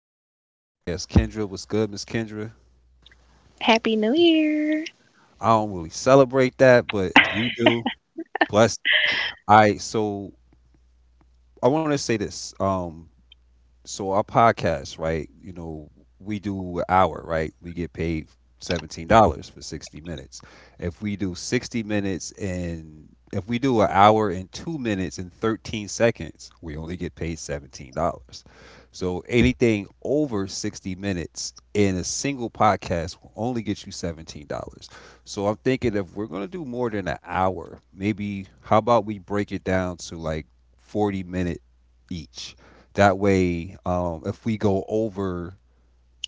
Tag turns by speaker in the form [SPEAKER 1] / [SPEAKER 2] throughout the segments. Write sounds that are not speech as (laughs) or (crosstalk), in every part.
[SPEAKER 1] Rico back with my guest Kendra. What's good, Miss Kendra?
[SPEAKER 2] Happy New Year.
[SPEAKER 1] I don't really celebrate that, but if you do, bless. All right, so I want to say this. So our podcast, right? We do an hour, right? We get paid $17 for 60 minutes. If we do 60 minutes and if we do an hour and 2 minutes and 13 seconds, we only get paid $17. So anything over 60 minutes in a single podcast will only get you $17. So I'm thinking if we're gonna do more than an hour, maybe how about we break it down to like 40 minute each that way. If we go over,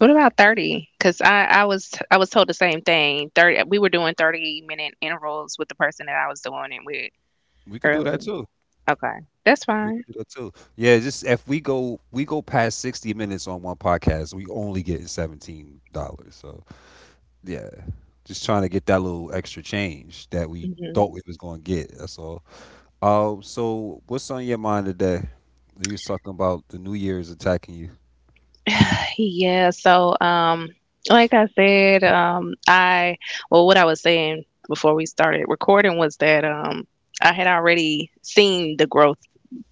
[SPEAKER 2] What about 30? Because I was told the same thing. 30, we were doing 30-minute intervals with the person that I was doing it with
[SPEAKER 1] we could do
[SPEAKER 2] earlier.
[SPEAKER 1] that too.
[SPEAKER 2] Okay. That's
[SPEAKER 1] We
[SPEAKER 2] fine.
[SPEAKER 1] could do that too. Yeah, just if we go, past 60 minutes on one podcast, we only getting $17. So yeah, just trying to get that little extra change that we
[SPEAKER 2] Hmm
[SPEAKER 1] thought we was gonna get. That's all. So what's on your mind today? You was talking about the New Year's attacking you.
[SPEAKER 2] Yeah, so like I said, I, well what I was saying before we started recording was that I had already seen the growth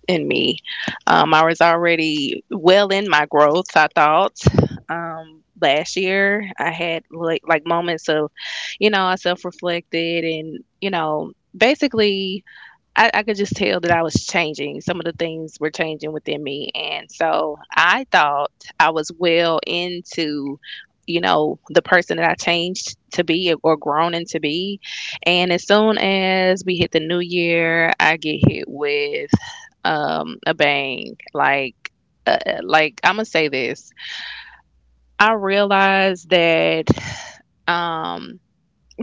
[SPEAKER 2] in me. I was already well in my growth, I thought. Last year, I had like moments of, you know, I self reflected and, you know, basically I could just tell that I was changing. Some of the things were changing within me. And so I thought I was well into, you know, the person that I changed to be or grown into be. And as soon as we hit the new year, I get hit with a bang. Like I'm gonna say this. I realized that um,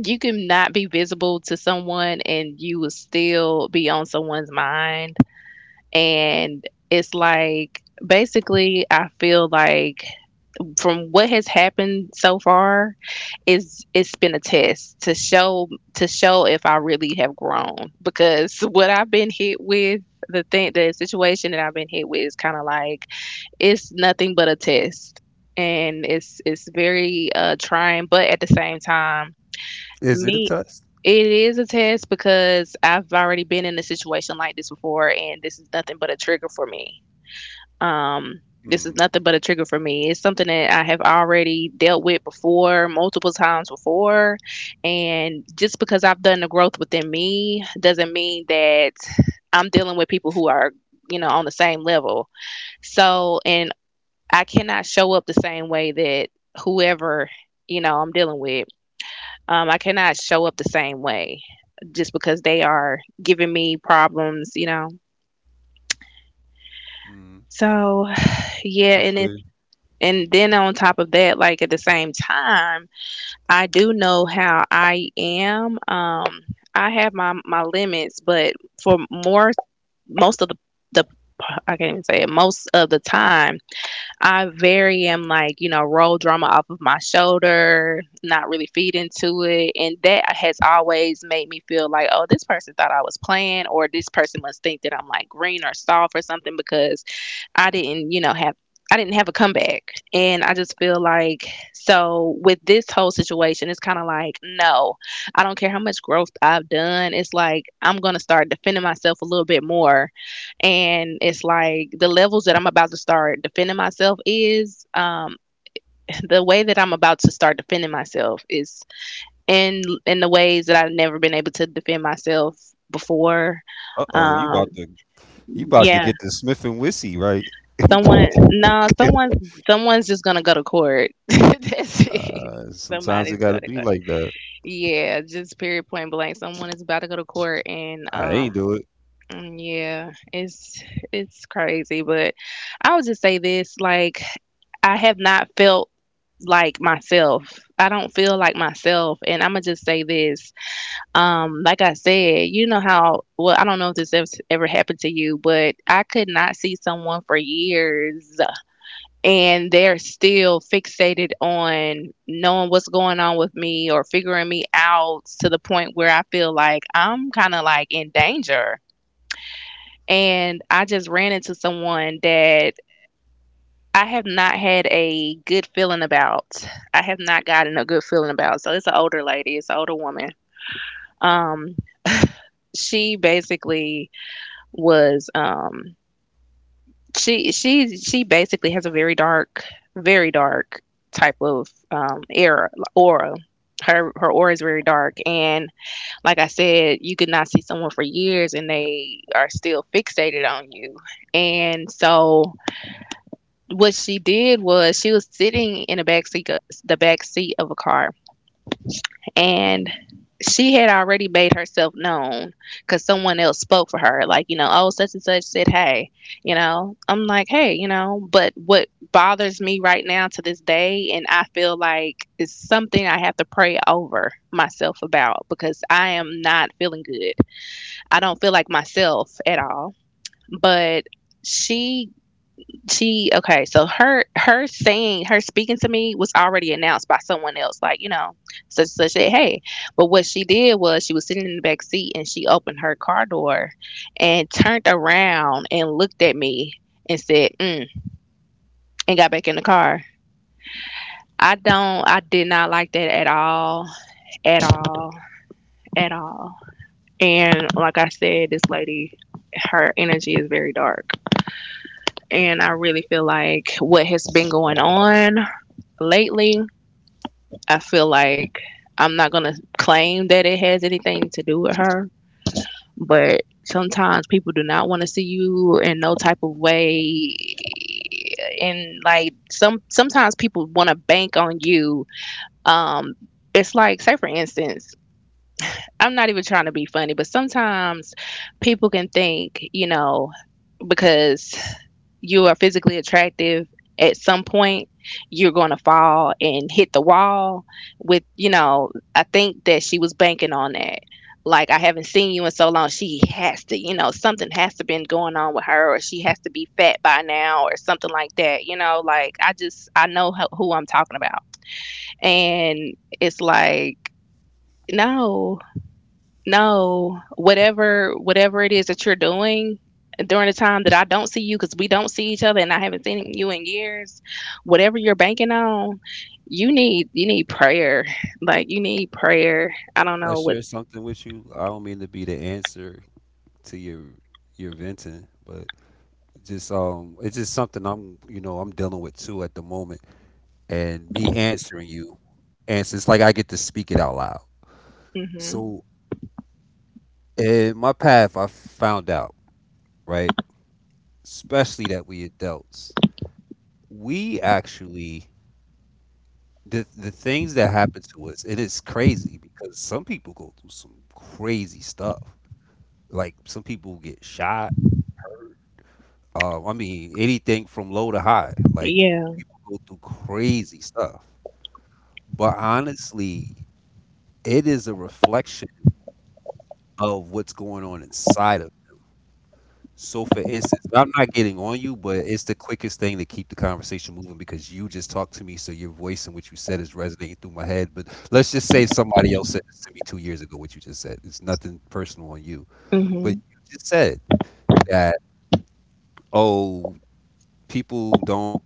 [SPEAKER 2] you can not be visible to someone and you will still be on someone's mind, and it's like basically I feel like from what has happened so far is it's been a test to show, to show if I really have grown because (laughs) what I've been hit with, the thing the situation that I've been hit with is kind of like, it's nothing but a test, and it's very trying, but at the same time,
[SPEAKER 1] Is it a
[SPEAKER 2] me,
[SPEAKER 1] test?
[SPEAKER 2] it is a test because I've already been in a situation like this before, and this is nothing but a trigger for me. um, this is
[SPEAKER 1] Hmm.
[SPEAKER 2] nothing but a trigger for me. It's something that I have already dealt with before, multiple times before. And just because I've done the growth within me doesn't mean that I'm dealing with people who are, you know, on the same level. So, and I cannot show up the same way that whoever, you know, I'm dealing with. I cannot show up the same way just because they are giving me problems, you know.
[SPEAKER 1] Mm.
[SPEAKER 2] So, yeah,
[SPEAKER 1] I
[SPEAKER 2] and
[SPEAKER 1] feel
[SPEAKER 2] it.
[SPEAKER 1] you.
[SPEAKER 2] And then on top of that, like at the same time, I do know how I am. I have my limits, but for more, most of the, I can't even say it. Most of the time, I very am like, you know, roll drama off of my shoulder, not really feed into it, and that has always made me feel like, oh, this person thought I was playing, or this person must think that I'm like green or soft or something because I didn't, you know, have, I didn't have a comeback. And I just feel like, so with this whole situation, it's kind of like, no, I don't care how much growth I've done. It's like I'm going to start defending myself a little bit more. And it's like the levels that I'm about to start defending myself is (laughs) the way that I'm about to start defending myself is in the ways that I've never been able to defend myself before.
[SPEAKER 1] Uh oh, you about
[SPEAKER 2] Um
[SPEAKER 1] to
[SPEAKER 2] yeah.
[SPEAKER 1] get the Smith and Wissy right.
[SPEAKER 2] Someone, no,
[SPEAKER 1] (laughs)
[SPEAKER 2] someone, someone's just gonna go to court. (laughs) That's it.
[SPEAKER 1] Sometimes it
[SPEAKER 2] Somebody's
[SPEAKER 1] gotta
[SPEAKER 2] going to
[SPEAKER 1] be
[SPEAKER 2] court.
[SPEAKER 1] like that.
[SPEAKER 2] Yeah, just period point blank. Someone is about to go to court, and
[SPEAKER 1] I ain't do it.
[SPEAKER 2] mm, yeah, it's crazy. But I would just say this: like, I have not felt like myself. I don't feel like myself, and I'm gonna just say this. Like I said, you know how, well I don't know if this ever, ever happened to you, but I could not see someone for years and they're still fixated on knowing what's going on with me or figuring me out to the point where I feel like I'm kind of like in danger. And I just ran into someone that I have not had a good feeling about. I have not gotten a good feeling about. So it's an older lady, it's an older woman. Um, she basically was she basically has a very dark type of era aura. Her aura is very dark, and like I said, you could not see someone for years, and they are still fixated on you. And so, what she did was she was sitting in the back seat, of a car, and she had already made herself known because someone else spoke for her, like, you know, oh, such and such said hey, you know, I'm like hey, you know. But what bothers me right now to this day, and I feel like it's something I have to pray over myself about because I am not feeling good. I don't feel like myself at all. But she she, okay, so her, her saying, her speaking to me was already announced by someone else, like, you know, such such said hey. But what she did was she was sitting in the back seat and she opened her car door and turned around and looked at me and said mm, and got back in the car. I did not like that at all, at all, at all. And like I said, this lady, her energy is very dark. And I really feel like what has been going on lately, I feel like, I'm not going to claim that it has anything to do with her, but sometimes people do not want to see you in no type of way, and like sometimes people want to bank on you. um it's like, say for instance, I'm not even trying to be funny, but sometimes people can think, you know, because you are physically attractive at some point you're going to fall and hit the wall with, you know, I think that she was banking on that, like I haven't seen you in so long, she has to, you know, something has to been going on with her, or she has to be fat by now or something like that, you know. Like, I just, I know who I'm talking about. And it's like, no, no, whatever, whatever it is that you're doing during the time that I don't see you, because we don't see each other and I haven't seen you in years, whatever you're banking on, you need prayer. Like you need prayer. I don't
[SPEAKER 1] I
[SPEAKER 2] know what.
[SPEAKER 1] shared something with you. I don't mean to be the answer to your venting, but just it's just something I'm you know I'm dealing with too at the moment. And me answering you, answers, it's like I get to speak it out loud.
[SPEAKER 2] Hmm.
[SPEAKER 1] So in my path, I found out, right, especially that we adults, we actually, the things that happen to us, it is crazy because some people go through some crazy stuff. Like some people get shot. I mean, anything from low to high. Like
[SPEAKER 2] Yeah.
[SPEAKER 1] people go through crazy stuff. But honestly, it is a reflection of what's going on inside of it. So, for instance, I'm not getting on you, but it's the quickest thing to keep the conversation moving because you just talked to me, so your voice and what you said is resonating through my head. But let's just say somebody else said this to me 2 years ago. What you just said, it's nothing personal on you, but
[SPEAKER 2] Hmm.
[SPEAKER 1] you just said that, oh, people don't,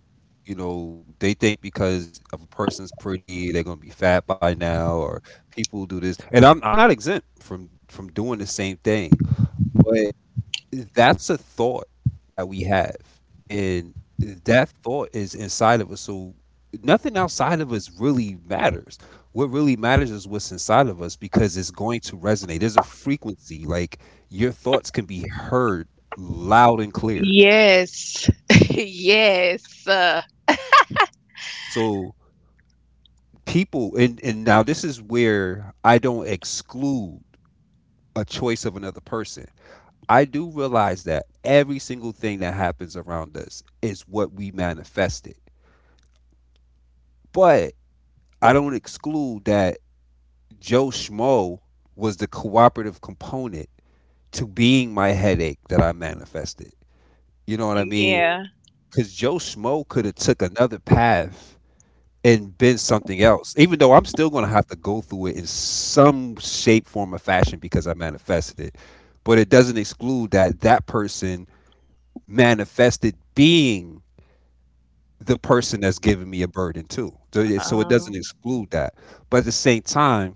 [SPEAKER 1] they think because of a person's pretty, they're gonna be fat by now, or people do this. And I'm not exempt from doing the same thing, but that's a thought that we have, and that thought is inside of us. So nothing outside of us really matters. What really matters is what's inside of us because it's going to resonate. There's a frequency, like your thoughts can be heard loud and clear.
[SPEAKER 2] Yes. (laughs) Yes.
[SPEAKER 1] So people, and now this is where I don't exclude a choice of another person. I do realize that every single thing that happens around us is what we manifested, but I don't exclude that Joe Schmo was the cooperative component to being my headache that I manifested. You know what I mean?
[SPEAKER 2] Yeah.
[SPEAKER 1] Because Joe Schmo could have took another path and been something else. Even though I'm still going to have to go through it in some shape, form, or fashion because I manifested it. But it doesn't exclude that that person manifested being the person that's giving me a burden too. So it doesn't
[SPEAKER 2] Um.
[SPEAKER 1] exclude that. But at the same time,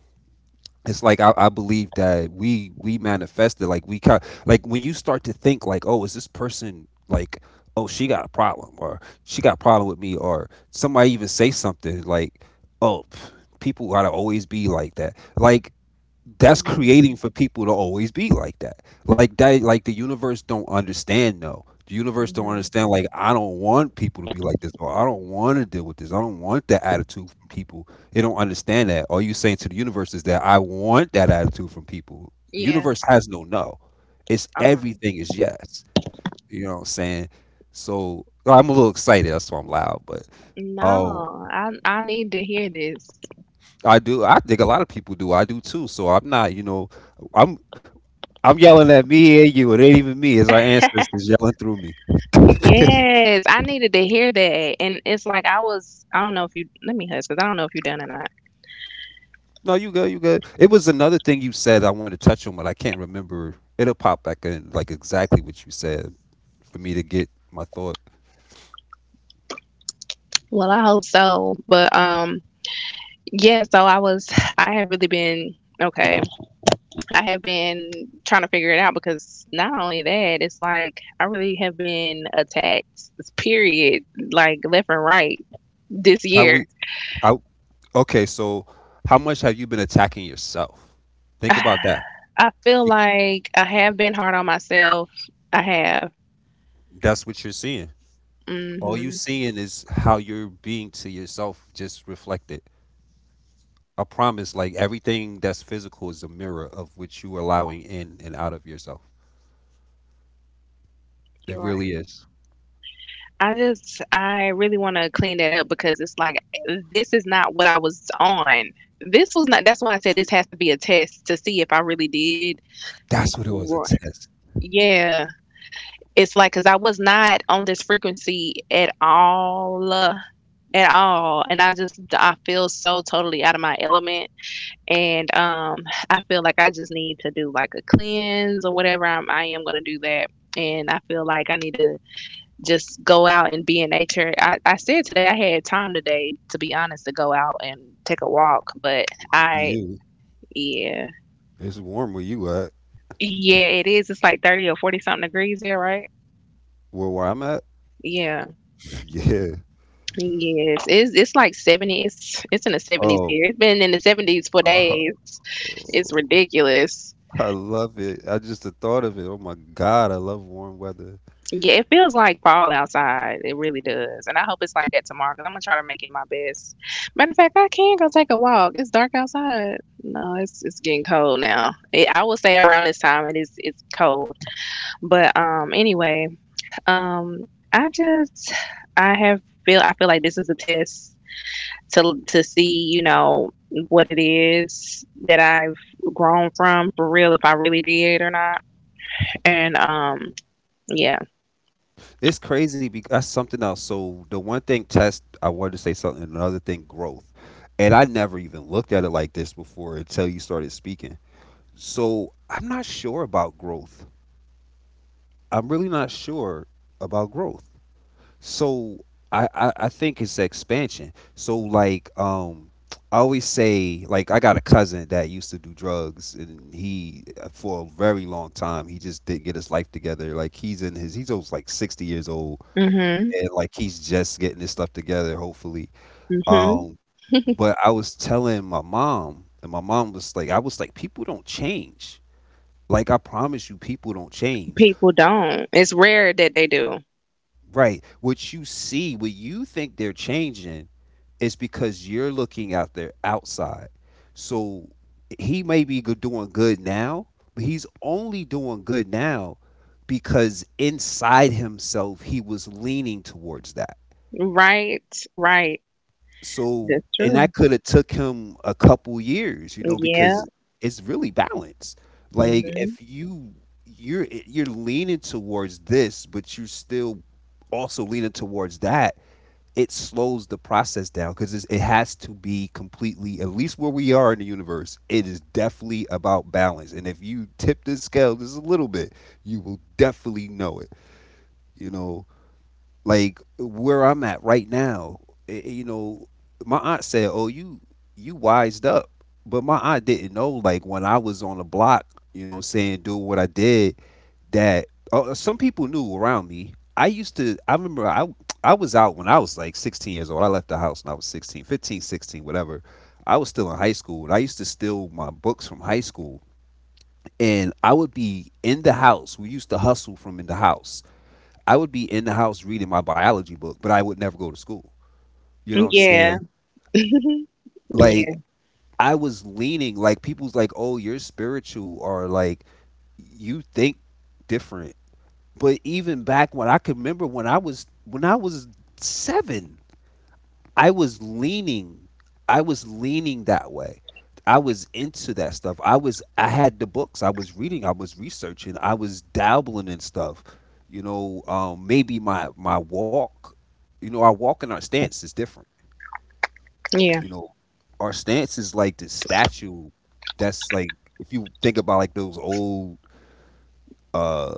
[SPEAKER 1] it's like I believe that we manifested, like, we kind, like, when you start to think like, oh, is this person like, oh, she got a problem, or she got a problem with me, or somebody even say something like, oh, pff, people gotta always be like that, like, that's creating for people to always be like that, like that, like the universe don't understand. No, the universe don't
[SPEAKER 2] Hmm.
[SPEAKER 1] understand, like, I don't want people to be like this, or I don't want to deal with this, I don't want that attitude from people. They don't understand that all you saying to the universe is that I want that attitude from people. The
[SPEAKER 2] Yeah.
[SPEAKER 1] universe has no. No, it's
[SPEAKER 2] Um.
[SPEAKER 1] everything is yes. You know what I'm saying? So I'm a little excited, that's why I'm loud. But um
[SPEAKER 2] No, I need to hear this.
[SPEAKER 1] I think a lot of people do, I do too. So I'm not. I'm I'm yelling at me and you. It ain't even me. It's our ancestors yelling through me.
[SPEAKER 2] Yes, I needed to hear that. And it's like I was, I don't know if you, let me hush because I don't know if you're done or not.
[SPEAKER 1] No, you good. You good. It was another thing you said I wanted to touch on, but I can't remember. It'll pop back in, like exactly what you said, for me to get my thought.
[SPEAKER 2] Well, I hope so. But yeah, so I was, I have really been, okay. I have been trying to figure it out because not only that, it's like I really have been attacked, period, like left and right this
[SPEAKER 1] How we?
[SPEAKER 2] year.
[SPEAKER 1] How? Okay, so how much have you been attacking yourself?
[SPEAKER 2] (sighs)
[SPEAKER 1] Think about that.
[SPEAKER 2] I feel
[SPEAKER 1] Be-
[SPEAKER 2] like I have been hard on myself. I have.
[SPEAKER 1] That's what you're seeing. All you
[SPEAKER 2] Hmm.
[SPEAKER 1] seeing is how you're being to yourself, just reflected. I promise, like everything that's physical is a mirror of what you allowing in and out of yourself. It really is.
[SPEAKER 2] I just, I really want to clean that up because it's like, this is not what I was on. This was not, that's why I said this has to be a test to see if I really did.
[SPEAKER 1] That's what it was, a test.
[SPEAKER 2] Yeah. It's like, because I was not on this frequency at all. At all. And I just, I feel so totally out of my element. And I feel like I just need to do like a cleanse or whatever. I am going to do that. And I feel like I need to just go out and be in nature. I said today I had time today, to be honest, to go out and take a walk, but
[SPEAKER 1] Fuck
[SPEAKER 2] I,
[SPEAKER 1] You.
[SPEAKER 2] yeah,
[SPEAKER 1] It's warm where you at.
[SPEAKER 2] yeah, it is. It's like 30 or 40 something degrees there, right?
[SPEAKER 1] Where I'm at?
[SPEAKER 2] Yeah,
[SPEAKER 1] (laughs) Yeah.
[SPEAKER 2] yes, it's like 70s. It's in the 70s
[SPEAKER 1] Oh.
[SPEAKER 2] here. It's been in the 70s for
[SPEAKER 1] Oh.
[SPEAKER 2] days. It's ridiculous.
[SPEAKER 1] I love it. I just the thought of it. Oh my God, I love warm weather.
[SPEAKER 2] Yeah, it feels like fall outside. It really does. And I hope it's like that tomorrow because I'm going to try to make it my best. Matter of fact, I can go take a walk. It's dark outside. No, it's getting cold now. It, I will say around this time it is, it's cold. But anyway, um I just, I have feel, I feel like this is a test to see, you know, what it is that I've grown from, for real, if I really did or not. And yeah.
[SPEAKER 1] It's crazy because that's something else. So the one thing test I wanted to say something, another thing growth. And I never even looked at it like this before until you started speaking. So I'm not sure about growth. I'm really not sure about growth. So I think it's expansion. So like I always say, like, I got a cousin that used to do drugs and he, for a very long time, he just didn't get his life together. Like he's in his he's almost like 60 years old
[SPEAKER 2] Mhm.
[SPEAKER 1] and, like, he's just getting his stuff together, hopefully.
[SPEAKER 2] Mhm.
[SPEAKER 1] Um but I was telling my mom, and my mom was like, I was like, people don't change. Like, I promise you, people don't change.
[SPEAKER 2] People don't. It's rare that they do.
[SPEAKER 1] Right. What you see, what you think they're changing, is because you're looking out there outside. So he may be doing good now, but he's only doing good now because inside himself he was leaning towards that.
[SPEAKER 2] Right, right.
[SPEAKER 1] So
[SPEAKER 2] That's
[SPEAKER 1] and
[SPEAKER 2] true.
[SPEAKER 1] that could have took him a couple years, you know,
[SPEAKER 2] Yeah.
[SPEAKER 1] because it's really balance. Like if
[SPEAKER 2] Hmm.
[SPEAKER 1] you're leaning towards this, but you're still also leaning towards that, it slows the process down because it has to be completely, at least where we are in the universe, it is definitely about balance. And if you tip the scale just a little bit, you will definitely know it, you know. Like where I'm at right now, it, you know my aunt said, oh you wised up, but my aunt didn't know, like, when I was on the block, saying, doing what I did, that some people knew around me. I used to, I remember I was out when I was like 16 years old. I left the house when I was 16, 15, 16, whatever. I was still in high school and I used to steal my books from high school and I would be in the house. We used to hustle from in the house. I would be in the house reading my biology book, but I would never go to school. You know what I'm saying?
[SPEAKER 2] Yeah.
[SPEAKER 1] Like,
[SPEAKER 2] Yeah.
[SPEAKER 1] I was leaning, like, people's like, "Oh, you're spiritual," or like, you think different. But even back when I could remember, when I was seven, I was leaning, I was leaning, that way. I was into that stuff. I had the books. I was reading. I was researching. I was dabbling in stuff. Maybe my walk. Our walk and our stance is different.
[SPEAKER 2] Yeah.
[SPEAKER 1] You know, our stance is like this statue. That's like if you think about like those old uh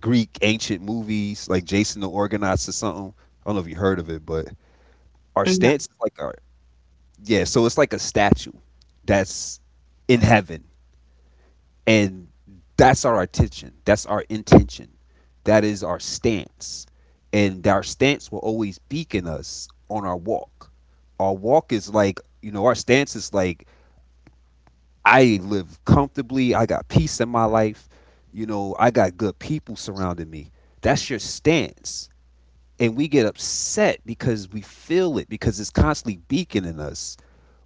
[SPEAKER 1] Greek ancient movies like Jason the Organist or something. I don't know if you heard of it, but our
[SPEAKER 2] Yeah.
[SPEAKER 1] stance is like our. Yeah, so it's like a statue that's in heaven, and that's our attention. That's our intention. That is our stance. And our stance will always beacon us on our walk. Our walk is like, our stance is like, I live comfortably. I got peace in my life. I got good people surrounding me. That's your stance. And we get upset because we feel it, because it's constantly beaconing us.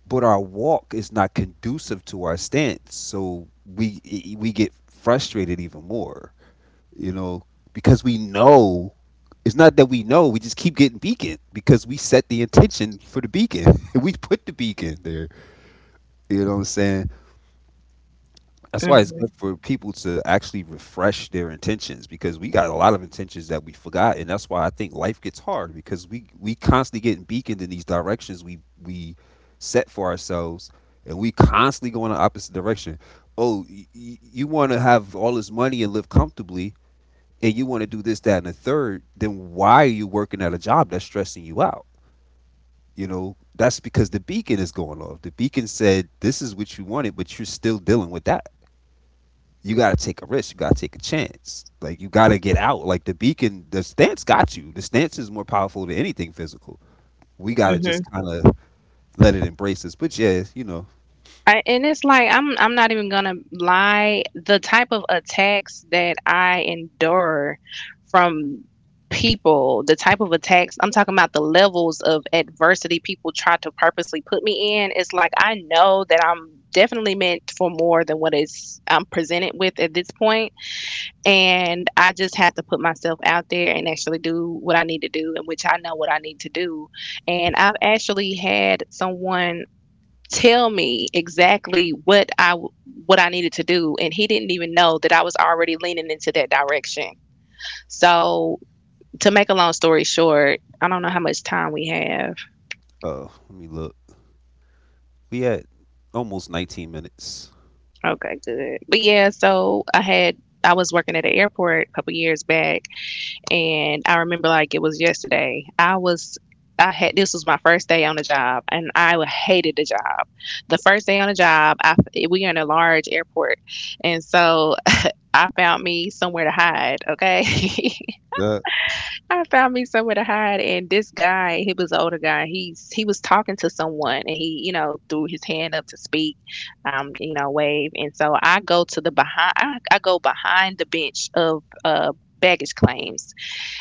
[SPEAKER 1] But our walk is not conducive to our stance. So we get frustrated even more, you know, because we know, it's not that we know, we just keep getting beaconed because we set the intention for the beacon. (laughs) We put the beacon there. You know what I'm saying? That's why it's
[SPEAKER 2] Hmm.
[SPEAKER 1] good for people to actually refresh their intentions because we got a lot of intentions that we forgot, and that's why I think life gets hard because we constantly getting beaconed in these directions we set for ourselves, and we constantly go in the opposite direction. Oh, you want to have all this money and live comfortably, and you want to do this, that, and the third. Then why are you working at a job that's stressing you out? You know, that's because the beacon is going off. The beacon said this is what you wanted, but you're still dealing with that. You got to take a risk. You got to take a chance. Like, you got to get out. Like, the beacon, the stance got you. The stance is more powerful than anything physical. We got to
[SPEAKER 2] Hmm.
[SPEAKER 1] just kind of let it embrace us. But yeah, you know,
[SPEAKER 2] I, and it's like I'm not even gonna lie. The type of attacks that I endure from people, the type of attacks I'm talking about, the levels of adversity people try to purposely put me in. It's like I know that I'm definitely meant for more than what is I'm presented with at this point. And I just had to put myself out there and actually do what I need to do, and which I know what I need to do. And I've actually had someone tell me exactly what I needed to do, and he didn't even know that I was already leaning into that direction. So, to make a long story short, I don't know how much time we have.
[SPEAKER 1] let me look. We had almost 19 minutes.
[SPEAKER 2] Okay, good. But yeah, so I was working at an airport a couple years back. And I remember like it was yesterday. I had this was my first day on the job and I hated the job. The first day on the job, I we are in a large airport. And so I found me somewhere to hide, okay? (laughs)
[SPEAKER 1] Yeah.
[SPEAKER 2] I found me somewhere to hide and this guy, he was an older guy. He was talking to someone and he, you know, threw his hand up to speak, you know, wave. And so I go behind the bench of baggage claims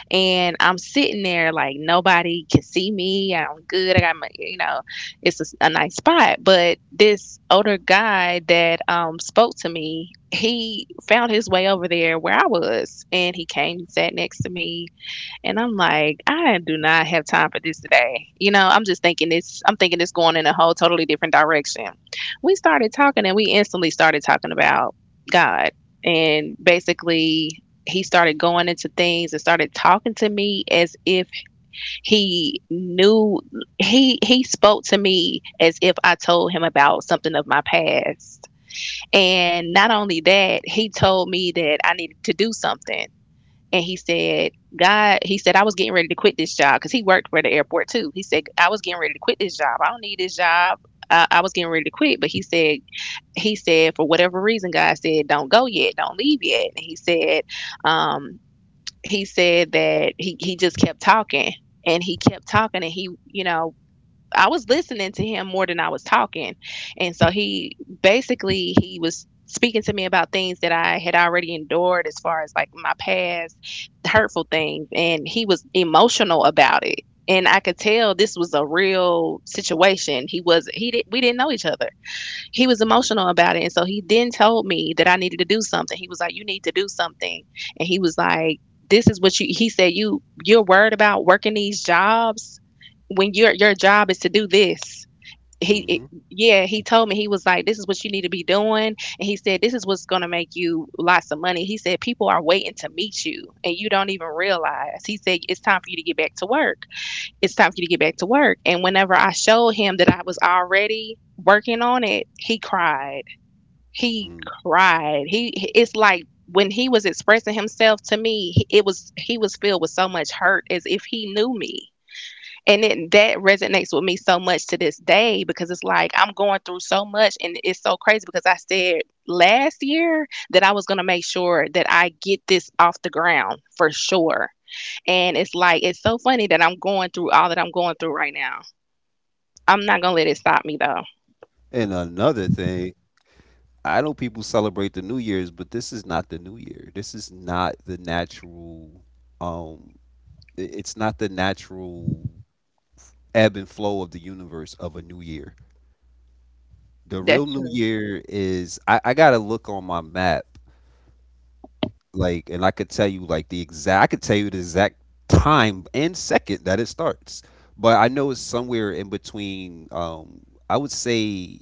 [SPEAKER 2] and I'm sitting there like nobody can see me. I'm good. I got my, you know, it's a nice spot. But this older guy that spoke to me, he found his way over there where I was, and he came and sat next to me and I'm like, I do not have time for this today. You know, I'm just thinking this, I'm thinking it's going in a whole totally different direction. We started talking and we instantly started talking about God. And basically, he started going into things and started talking to me as if he knew he spoke to me as if I told him about something of my past. And not only that, he told me that I needed to do something and he said, God, he said, I was getting ready to quit this job because he worked for the airport too. He said, I was getting ready to quit this job. I don't need this job. I was getting ready to quit. But he said, for whatever reason, God said, don't go yet. Don't leave yet. And um, he said that he just kept talking and he kept talking and he, you know, I was listening to him more than I was talking. And so he basically he was speaking to me about things that I had already endured as far as like my past hurtful things and he was emotional about it. And I could tell this was a real situation. He did not we didn't know each other, he was emotional about it. And so he then told me that I needed to do something. He was like, you need to do something. And he was like, This is what you he said, you're worried about working these jobs when your job is to do this.
[SPEAKER 1] Hmm.
[SPEAKER 2] Yeah, he told me he was like, this is what you need to be doing. And he said, this is what's gonna make you lots of money. He said, people are waiting to meet you and you don't even realize. He said, it's time for you to get back to work it's time for you to get back to work. And whenever I showed him that I was already working on it, he cried. He cried. He it's like when he was expressing himself to me, it was he was filled with so much hurt as if he knew me. And it, that resonates with me so much to this day because it's like I'm going through so much and it's so crazy because I said last year that I was going to make sure that I get this off the ground for sure, and it's like, it's so funny that I'm going through all that I'm going through right now. I'm not going to let it stop me, though.
[SPEAKER 1] And another thing, I know people celebrate the New Year's, but this is not the New Year. This is not the natural. Um, it's not the natural ebb and flow of the universe of a new year. The
[SPEAKER 2] That's
[SPEAKER 1] real New
[SPEAKER 2] true.
[SPEAKER 1] Year is, I gotta look on my map, like, and I could tell you like the exact, I could tell you the exact time and second that it starts. But I know it's somewhere in between. I would say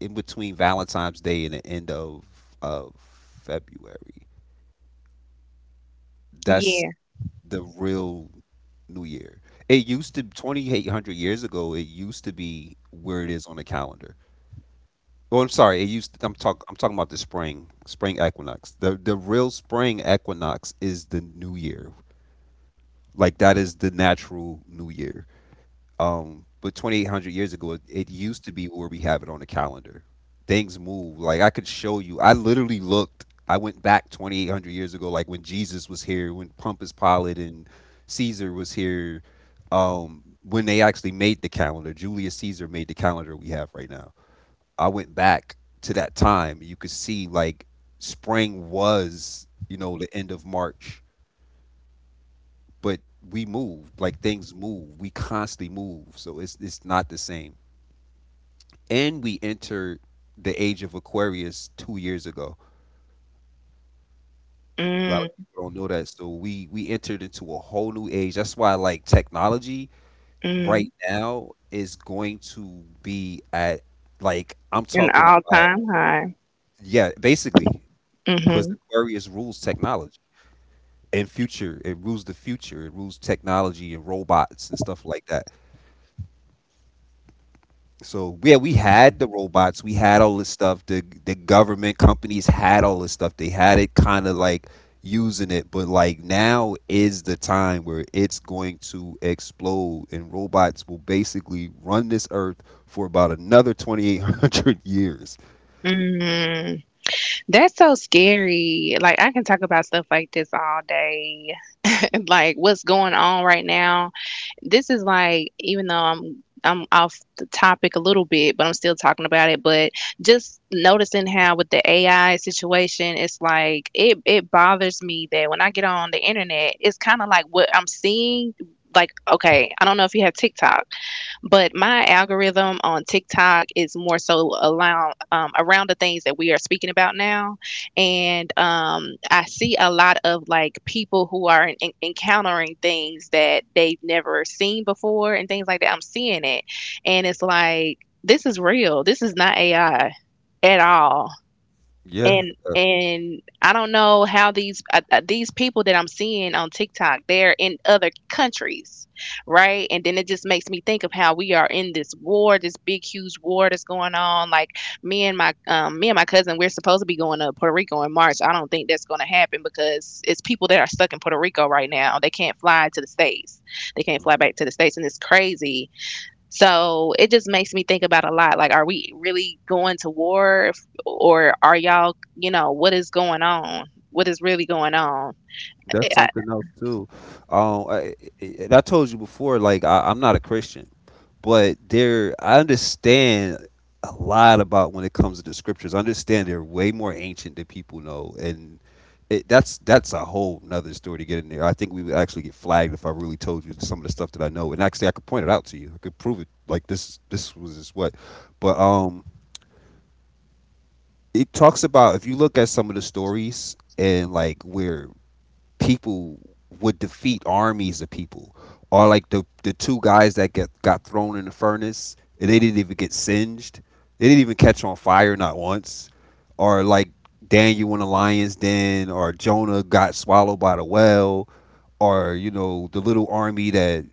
[SPEAKER 1] in between Valentine's Day and the end of of February. That's
[SPEAKER 2] Yeah.
[SPEAKER 1] the real New Year. It used to 2,800 years ago. It used to be where it is on the calendar. Oh, I'm sorry. It used. I'm talking about the spring equinox. The real spring equinox is the new year. Like, that is the natural new year. But 2,800 years ago, it used to be where we have it on the calendar. Things move. Like, I could show you. I literally looked. I went back 2,800 years ago, like when Jesus was here, when Pontius Pilate and Caesar was here. When they actually made the calendar, Julius Caesar made the calendar we have right now. I went back to that time, you could see like spring was, you know, the end of March, but we moved, like, things move. We constantly move. So it's not the same. And we entered the age of Aquarius 2 years ago. A lot of
[SPEAKER 2] Mm,
[SPEAKER 1] people don't know that. So we entered into a whole new age. That's why like technology
[SPEAKER 2] mm.
[SPEAKER 1] right now is going to be at, like, I'm
[SPEAKER 2] An
[SPEAKER 1] talking
[SPEAKER 2] all
[SPEAKER 1] about,
[SPEAKER 2] time high.
[SPEAKER 1] yeah, basically cuz
[SPEAKER 2] Hmm.
[SPEAKER 1] Aquarius rules technology. And future. It rules the future. It rules technology and robots and stuff like that. So yeah, we had the robots. We had all this stuff. The government companies had all this stuff. They had it kind of like using it, but like now is the time where it's going to explode, and robots will basically run this earth for about another 2,800 (laughs) years.
[SPEAKER 2] Mm. That's so scary. Like, I can talk about stuff like this all day. (laughs) Like, what's going on right now. This is like, even though I'm off the topic a little bit, but I'm still talking about it. But just noticing how with the AI situation, it's like it bothers me that when I get on the internet, it's kind of like what I'm seeing. Like, okay, I don't know if you have TikTok, but my algorithm on TikTok is more so around around the things that we are speaking about now, and I see a lot of like people who are encountering things that they've never seen before and things like that. I'm seeing it, and it's like this is real. This is not AI at all.
[SPEAKER 1] Yeah.
[SPEAKER 2] And I don't know how these people that I'm seeing on TikTok, they're in other countries, right? And then it just makes me think of how we are in this war, this big huge war that's going on. Like me and my cousin, we're supposed to be going to Puerto Rico in March. I don't think that's going to happen because it's people that are stuck in Puerto Rico right now. They can't fly to the states. They can't fly back to the states, and it's crazy, so it just makes me think about a lot. Like, are we really going to war, if, or are y'all, you know, what is going on? What is really going on?
[SPEAKER 1] That's
[SPEAKER 2] I,
[SPEAKER 1] something else too. Um, I, I- and I told you before, like I'm not a Christian, but there I understand a lot about when it comes to the scriptures. I understand they're way more ancient than people know, and it, that's a whole nother story to get in there. I think we would actually get flagged if I really told you some of the stuff that I know, and actually I could point it out to you. I could prove it. Like this was just what, but it talks about if you look at some of the stories and like where people would defeat armies of people. Or like the two guys that get got thrown in the furnace and they didn't even get singed. They didn't even catch on fire not once. Or like Daniel in the lion's den, or Jonah got swallowed by the whale, or you know the little army that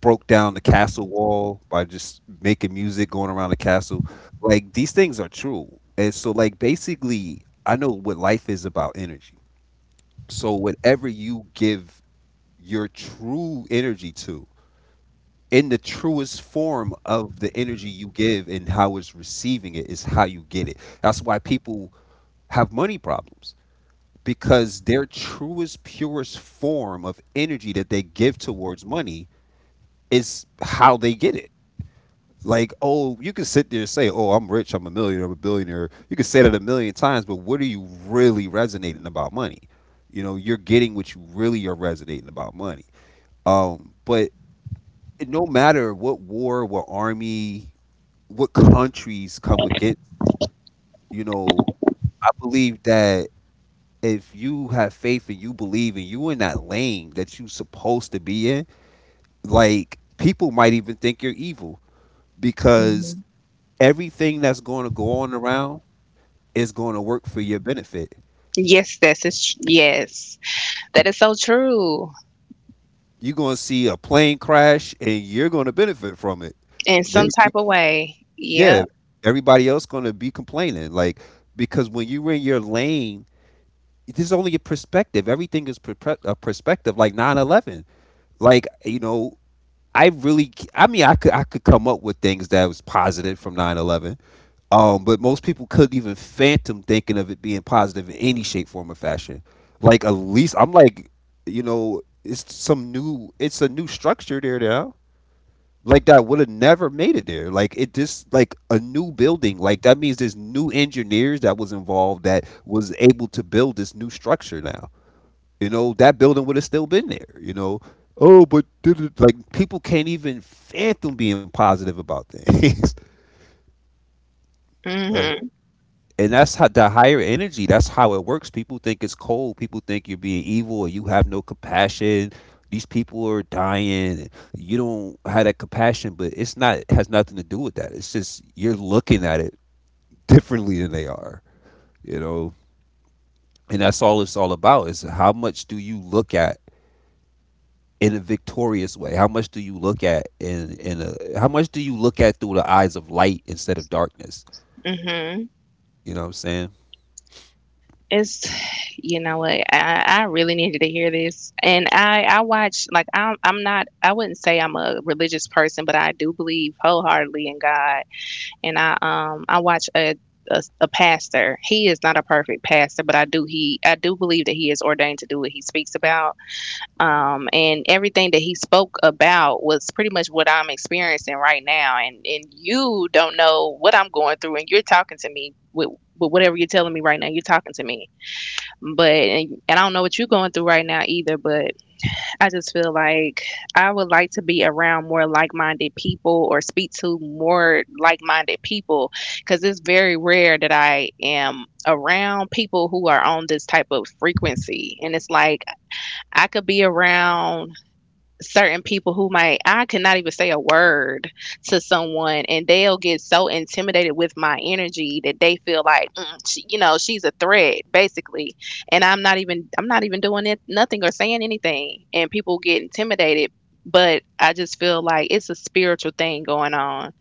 [SPEAKER 1] broke down the castle wall by just making music going around the castle. Like, these things are true, and so like basically, I know what life is about energy. So whatever you give your true energy to in the truest form of the energy you give and how it's receiving it is how you get it. That's why people have money problems because their truest purest form of energy that they give towards money is how they get it. Like, oh, you can sit there and say, oh, I'm rich, I'm a millionaire, I'm a billionaire, you can say that a million times, but what are you really resonating about money? You know, you're getting what you really are resonating about money. Um, but no matter what war, what army, what countries come against, you know, I believe that if you have faith and you believe and you in that lane that you supposed to be in, like, people might even think you're evil because
[SPEAKER 2] mhm.
[SPEAKER 1] everything that's going to go on around is going to work for your benefit.
[SPEAKER 2] Yes, that's is yes, that is so true
[SPEAKER 1] You're going to see a plane crash and you're going to benefit from it.
[SPEAKER 2] in
[SPEAKER 1] They,
[SPEAKER 2] some type of way.
[SPEAKER 1] yeah,
[SPEAKER 2] Yep.
[SPEAKER 1] everybody else going to be complaining like, because when you're in your lane, this is only a perspective. Everything is a perspective. Like, 9/11. Like, you know, I really. I mean, I could come up with things that was positive from 9/11. But most people couldn't even phantom thinking of it being positive in any shape, form, or fashion. Like, at least I'm like, you know, it's some new. It's a new structure there now. Like, that would have never made it there. Like, it just like a new building. Like, that means there's new engineers that was involved that was able to build this new structure now. You know, that building would have still been there. You know, oh, but did it, like, people can't even fathom being positive about things. (laughs) But,
[SPEAKER 2] Mhm.
[SPEAKER 1] and that's how the higher energy. That's how it works. People think it's cold. People think you're being evil or you have no compassion. These people are dying. And you don't have that compassion, but it's not, it has nothing to do with that. It's just you're looking at it differently than they are. You know, and that's all, it's all about is how much do you look at in a victorious way? How much do you look at in a how much do you look at through the eyes of light instead of darkness?
[SPEAKER 2] Mhm.
[SPEAKER 1] You know what I'm saying?
[SPEAKER 2] It's you know what, I really needed to hear this, and I watch like I'm not I wouldn't say I'm a religious person, but I do believe wholeheartedly in God. And I watch a pastor. He is not a perfect pastor, but I do he I do believe that he is ordained to do what he speaks about. And everything that he spoke about was pretty much what I'm experiencing right now. And you don't know what I'm going through, and you're talking to me with whatever you're telling me right now. You're talking to me, but and I don't know what you're going through right now either, but. I just feel like I would like to be around more like minded people or speak to more like minded people because it's very rare that I am around people who are on this type of frequency. And it's like I could be around certain people who might I could not even say a word to someone and they'll get so intimidated with my energy that they feel like mm, you know, she's a threat, basically, and I'm not even doing it nothing or saying anything and people get intimidated, but I just feel like it's a spiritual thing going on.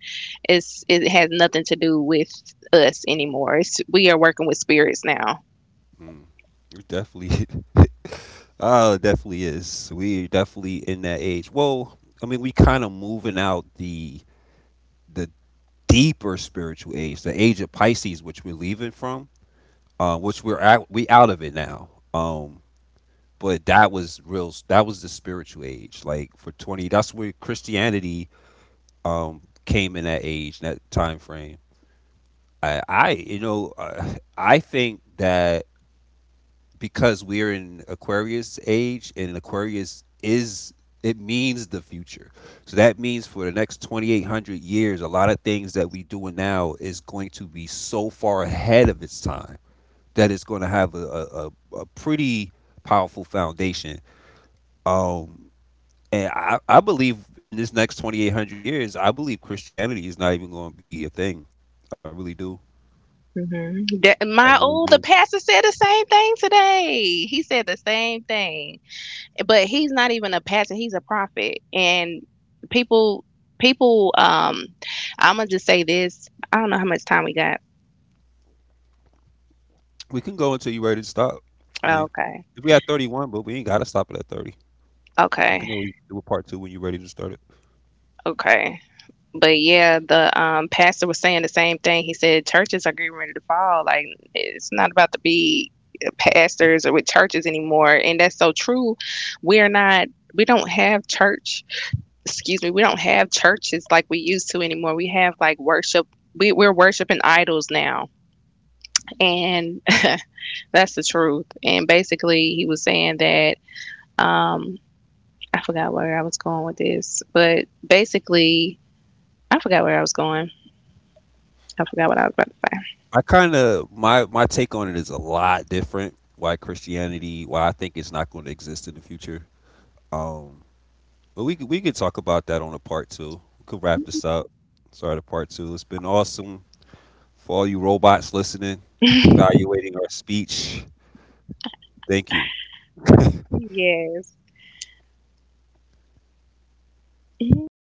[SPEAKER 2] It's it has nothing to do with us anymore. It's we are working with spirits now.
[SPEAKER 1] Mm, it definitely. (laughs) Oh, it definitely is. We're definitely in that age. Well, I mean, we kind of moving out the deeper spiritual age, the age of Pisces, which we're leaving from, which we're at, we out of it now. But that was real. That was the spiritual age. Like, for 20, that's where Christianity, came in that age, that time frame. I you know, I think that because we're in Aquarius age, and Aquarius is, it means the future. So that means for the next 2,800 years, a lot of things that we doing now is going to be so far ahead of its time that it's going to have a pretty powerful foundation. Um, And I believe in this next 2,800 years, I believe Christianity is not even going to be a thing. I really do.
[SPEAKER 2] Hmm.
[SPEAKER 1] I
[SPEAKER 2] my
[SPEAKER 1] really do.
[SPEAKER 2] old the pastor said the same thing today. He said the same thing, but he's not even a pastor, he's a prophet. And people people I'm gonna just say this, I don't know how much time we got.
[SPEAKER 1] We can go until you're ready to stop. I mean,
[SPEAKER 2] Okay.
[SPEAKER 1] if we had 31, but we ain't got to stop it at 30. We
[SPEAKER 2] Okay.
[SPEAKER 1] can always do a part two when you're ready to start it.
[SPEAKER 2] Okay. But yeah, the pastor was saying the same thing. He said churches are getting ready to fall like it's not about to be pastors or with churches anymore, and that's so true. we're not we don't have church excuse me, we don't have churches like we used to anymore. We have like worship. We're worshiping idols now. And (laughs) that's the truth. And basically, he was saying that um, I forgot where I was going with this, but basically, I forgot where I was going. I forgot what I was about to say.
[SPEAKER 1] I kind of, my take on it is a lot different. Why Christianity, why I think it's not going to exist in the future. Um, but we could talk about that on a part two. We could wrap this up. Sorry to part two. It's been awesome. For all you robots listening, evaluating our speech, thank you.
[SPEAKER 2] Yes. (laughs) Mm-hmm.